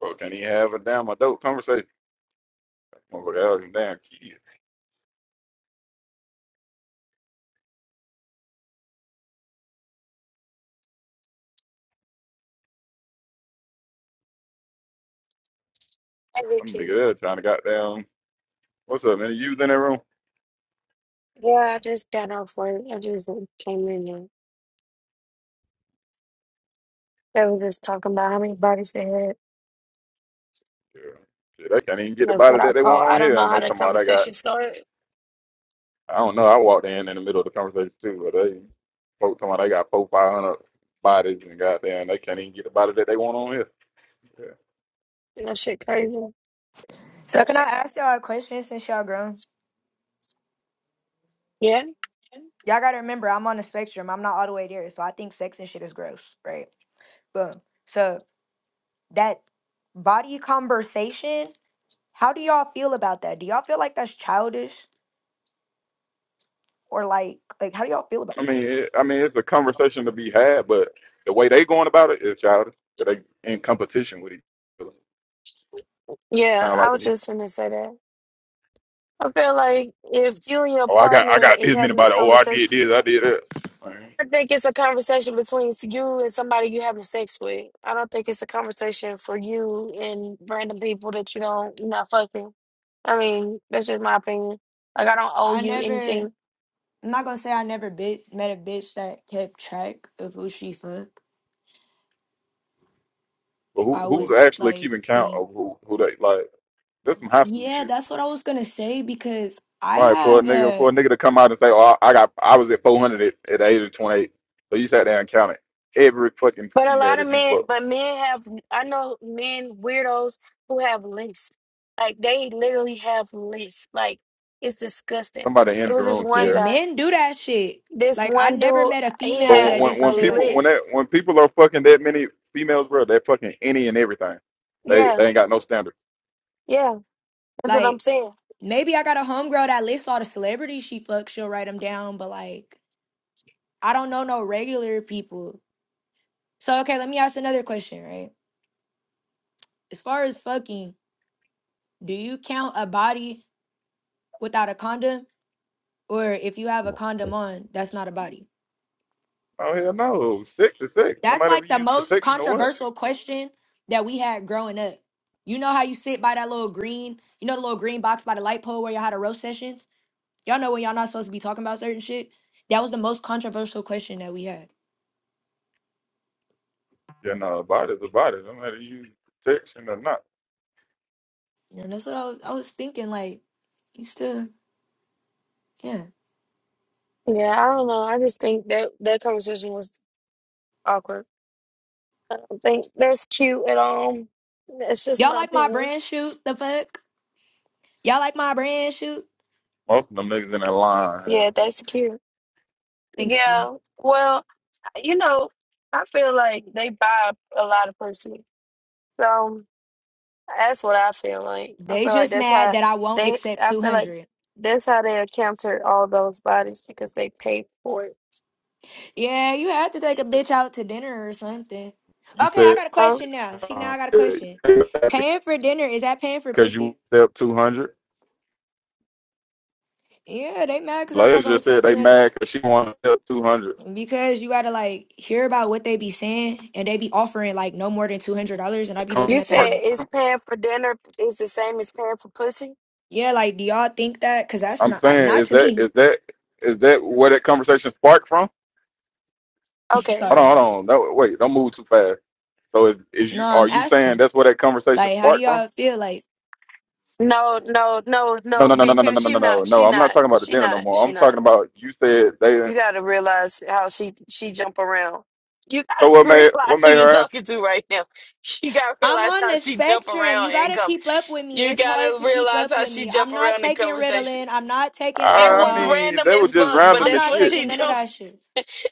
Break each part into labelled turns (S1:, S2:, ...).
S1: Bro, can't even have a damn adult conversation. Motherfucker, that was a damn kid. Some
S2: Everything.
S1: nigga there trying to goddamn. What's up, man? You in that room?
S2: Yeah, I just got off work. I just came in and they were just talking about how many bodies they had.
S1: Yeah. yeah. They can't even get the
S2: That's
S1: body
S2: what I
S1: that they
S2: call.
S1: want on
S2: I don't
S1: here.
S2: know
S1: And
S2: how
S1: they
S2: the
S1: talking about they got,
S2: conversation started.
S1: I don't know, I walked in in the middle of the conversation too, but they folks talking about they got four, 500 bodies and goddamn, they can't even get the body that they want on here. Yeah.
S2: that shit crazy.
S3: So can I ask y'all a question since y'all grown?
S2: Yeah,
S3: Y'all gotta remember I'm on the spectrum. I'm not all the way there. So I think sex and shit is gross, right? Boom. So that body conversation, how do y'all feel about that? Do y'all feel like that's childish? Or like like how do y'all feel about
S1: I
S3: it?
S1: mean, it, I mean, it's a conversation to be had, but the way they going about it is childish. They in competition with each other.
S2: yeah.
S1: Sound
S2: I
S1: like to
S2: was
S1: me.
S2: just gonna say that. I feel like if you and your
S1: Oh, I got, I
S2: partner
S1: got
S2: is
S1: this many
S2: having a
S1: bodies. Oh, I
S2: conversation,
S1: did this, I did that.
S2: I think it's a conversation between you and somebody you having sex with. I don't think it's a conversation for you and random people that you don't you're not fucking. I mean, that's just my opinion. Like I don't owe
S3: I
S2: you
S3: never
S2: anything
S3: I'm not gonna say I never bit, met a bitch that kept track of who she fucked.
S1: But who
S3: I
S1: who's
S3: would
S1: actually
S3: like
S1: keeping count
S3: think
S1: of who who they like? That's some high school
S3: Yeah,
S1: shit.
S3: that's what I was gonna say because I
S1: All right, for a
S3: have
S1: nigga
S3: a.
S1: for a nigga to come out and say, "Oh, I I got I was at 400 at, at the age of 28." so you sat there and counted every fucking
S2: But a
S1: female
S2: lot of
S1: that you
S2: men,
S1: fucked.
S2: but men have, I know men, weirdos who have lists. Like they literally have lists. Like it's disgusting.
S1: Somebody
S2: It
S1: entered the
S2: was this
S1: room,
S2: one
S3: Yeah,
S1: Kiera.
S2: guy,
S3: men do that shit.
S2: this
S3: Like I
S2: one
S3: never
S2: dude,
S3: met a
S2: he
S1: But
S3: female
S2: had
S1: when
S3: that did
S1: when
S3: some
S2: a
S1: when
S3: shit like
S1: people when
S3: that.
S1: that
S2: list.
S1: when people are fucking that many females, bro, they're fucking any and everything. They
S2: Yeah,
S1: they ain't got no standard.
S2: yeah, that's what I'm
S3: Like
S2: saying.
S3: maybe I got a homegirl that lists all the celebrities she fucks. She'll write them down, but like I don't know no regular people. So okay, let me ask another question, right? As far as fucking, do you count a body without a condom, or if you have a condom on, that's not a body?
S1: Oh hell no, six is six. No
S3: That's
S1: matter
S3: like
S1: if you
S3: the
S1: use
S3: most
S1: protection or what.
S3: controversial question that we had growing up. You know how you sit by that little green, you know the little green box by the light pole where you had the roast sessions? Y'all know when y'all not supposed to be talking about certain shit. That was the most controversial question that we had.
S1: Yeah, no, a body's a body. No matter if you use protection or not.
S3: And that's what I was I was thinking, like, you still yeah.
S2: Yeah, I don't know. I just think that that conversation was awkward. I think that's cute at all. That's just
S3: Y'all
S2: my
S3: like my
S2: opinion.
S3: brand shoot, the fuck? Y'all like my brand shoot?
S1: Most of them niggas in that line. Yeah.
S2: Yeah, that's cute.
S3: Thank you.
S2: Yeah, well, you know, I feel like they buy a lot of pussy. So that's what I feel like. I
S3: They
S2: feel like
S3: just
S2: that's
S3: mad
S2: how
S3: that I won't
S2: they.
S3: accept
S2: I
S3: two
S2: feel like
S3: hundred.
S2: that's how they encountered all those bodies because they paid for it.
S3: Yeah, you have to take a bitch out to dinner or something.
S1: You
S3: Okay, I
S1: said.
S3: got a
S2: Huh?
S3: question now. See now I
S1: um,
S3: got a
S1: said,
S3: question.
S1: "You mad
S3: Paying for dinner, is that paying for
S1: because you
S3: pussy?
S1: step 200.
S3: Yeah, they mad because I'm not
S1: Ladies
S3: gonna
S1: just said
S3: accept
S1: they
S3: 200.
S1: mad because she want to step 200.
S3: Because you gotta like hear about what they be saying and they be offering like no more than two hundred dollars and I be looking
S2: You
S3: at them
S2: said
S3: like,
S2: it's paying for dinner is the same as paying for pussy.
S3: yeah, like do y'all think that? Cause that's
S1: I'm
S3: not uh,
S1: saying,
S3: not
S1: is
S3: to
S1: that
S3: me.
S1: is that is that where that conversation sparked from?
S2: Okay.
S1: Hold
S3: Sorry.
S1: on, hold on. No, wait, don't move too fast. So is, is you
S3: No,
S1: are
S3: I'm
S1: you saying
S3: asking.
S1: that's where that conversation
S3: Like, how do
S1: sparked from?
S3: y'all feel? Like,
S2: No, no, no,
S1: No,
S2: no.
S1: no, no, no, no,
S2: BQ,
S1: no, no,
S2: she
S1: no, no. No,
S2: not.
S1: No,
S2: She
S1: I'm not
S2: not.
S1: talking about the
S2: She
S1: dinner no
S2: not.
S1: more.
S2: She
S1: I'm
S2: not.
S1: talking about you said they.
S2: You gotta realize how she she jump around. You
S1: So
S2: gotta
S1: what made what
S2: realize who
S1: made
S2: you're
S1: her? ask?
S2: talking to right now. You gotta
S3: I'm
S2: realize
S3: on
S2: how
S3: the
S2: she jump
S3: spectrum. You
S2: around and
S3: gotta
S2: come.
S3: keep up with me.
S2: You
S3: It's hard
S2: gotta
S3: to keep
S2: realize
S3: up
S2: how
S3: with
S2: she
S3: me.
S2: jump
S3: I'm not
S2: around in
S3: taking
S2: conversation.
S3: Ritalin. I'm not taking
S2: It
S1: I
S2: was
S3: Adderall.
S1: mean,
S2: random
S1: they were
S2: as
S1: just
S2: fuck, but
S1: random
S3: I'm
S1: as
S2: that's
S3: not
S2: what
S1: shit.
S3: taking
S2: she do.
S3: none of that shit.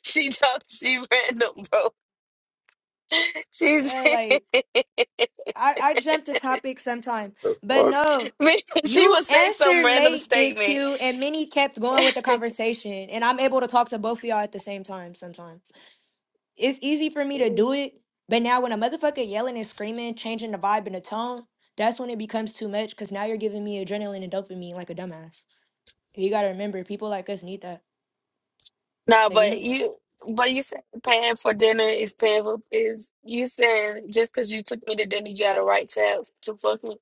S2: She talk, she random, bro. She's
S3: Yeah, like. I, I jumped the topic sometime.
S1: The
S3: But
S1: fuck?
S3: no,
S2: Man, she
S3: you
S2: would say some
S3: answered
S2: random
S3: late, Big
S2: statement.
S3: Q, and Minnie kept going with the conversation. And I'm able to talk to both of y'all at the same time sometimes. It's easy for me to do
S2: No,
S3: it. But now when a motherfucker yelling and screaming, changing the vibe and the tone, that's when it becomes too much because now you're giving me adrenaline and dopamine like a dumbass. You gotta remember, people like us need that. Like, you know?
S2: but you, but you said paying for dinner is paying for is you saying just because you took me to dinner, you got a right to have, to fuck me.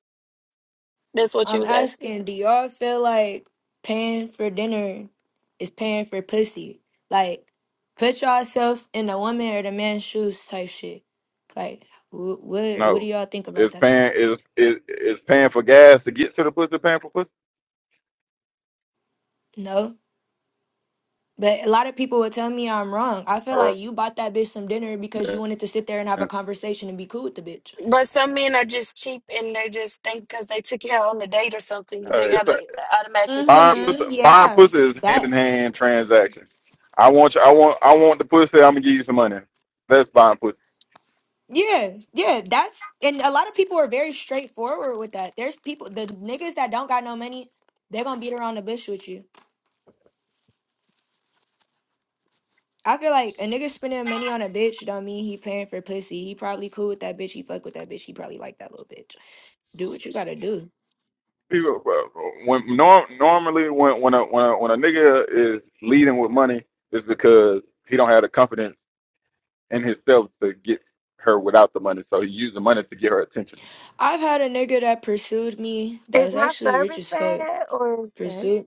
S2: That's what you
S3: I'm
S2: was asking.
S3: asking, do y'all feel like paying for dinner is paying for pussy? Like, put yourself in the woman or the man's shoes type shit. Like, wh- what what do
S1: No.
S3: y'all think about
S1: It's
S3: that?
S1: paying is is is paying for gas to get to the pussy paying for pussy?
S3: No, but a lot of people would tell me I'm wrong. I feel
S1: All
S3: like you bought that bitch some dinner because you
S1: right,
S3: wanted to sit there and have a
S1: then.
S3: conversation and be cool with the bitch.
S2: But some men are just cheap and they just think because they took you out on a date or something,
S1: Uh,
S2: they
S1: it's
S2: gotta
S1: a
S2: automatically fuck
S1: buying
S2: you.
S1: pussy,
S3: Mm-hmm.
S1: buying
S3: Yeah,
S1: pussy is hand in
S3: that.
S1: hand transaction. I want you, I want I want the pussy. I'm gonna give you some money. That's buying pussy.
S3: Yeah, yeah, that's and a lot of people are very straightforward with that. There's people, the niggas that don't got no money, they're gonna beat around the bush with you. I feel like a nigga spending money on a bitch don't mean he paying for pussy. He probably cool with that bitch. He fuck with that bitch. He probably like that little bitch. Do what you gotta do.
S1: People uh, when norm, normally when when a when a, when a nigga is leading with money, it's because he don't have the confidence in himself to get her without the money. So he used the money to get her attention.
S3: I've had a nigga that pursued me that
S2: Is
S3: was
S2: my
S3: actually rich
S2: service
S3: as fuck.
S2: bad or is it
S3: Pursued?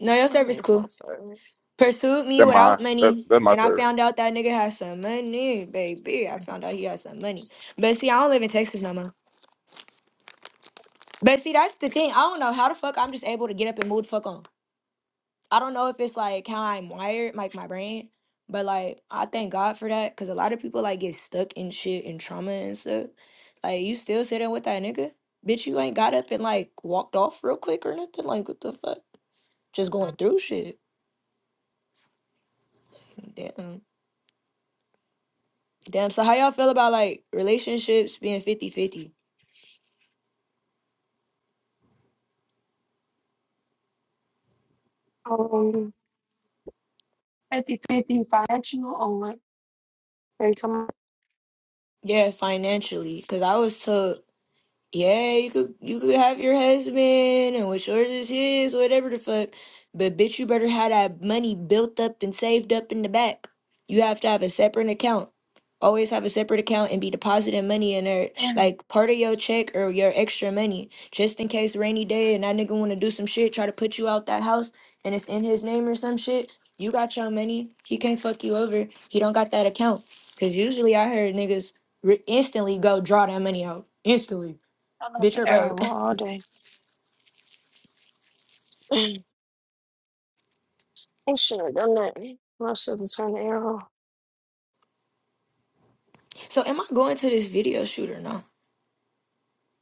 S3: No, your
S2: maybe
S3: service
S2: it's my
S3: cool.
S2: service?
S3: Pursued me
S1: That my
S3: without
S1: that
S3: money,
S1: that's my
S3: and I
S1: serve.
S3: found out that nigga had some money, baby. I found out he had some money. But see, I don't live in Texas no more. But see, that's the thing. I don't know how the fuck I'm just able to get up and move the fuck on. I don't know if it's like how I'm wired, like my brain, but like I thank God for that because a lot of people like get stuck in shit and trauma and stuff. Like you still sitting with that nigga, bitch. You ain't got up and like walked off real quick or nothing. Like what the fuck? Just going through shit. Damn. Damn. So how y'all feel about like relationships being fifty-fifty?
S2: Um, fifty fifty financial or what? They come up
S3: Yeah, financially. Cause I was took Yeah, you could you could have your husband and what's yours is his, whatever the fuck. But bitch, you better have that money built up and saved up in the back. You have to have a separate account. Always have a separate account and be depositing money in there,
S2: and
S3: like part of your check or your extra money, just in case rainy day and that nigga want to do some shit, try to put you out that house, and it's in his name or some shit. You got your money. He can't fuck you over. He don't got that account. Cause usually I heard niggas re- instantly go draw that money out instantly.
S2: I left
S3: Bitch, you're
S2: the
S3: broke.
S2: arrow all day. I should have done that. I should have turned the arrow.
S3: So am I going to this video shoot or no?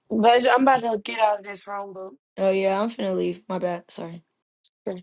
S2: But I'm about to get out of this room,
S3: Oh yeah, I'm finna leave. My bad. Sorry.
S2: boo.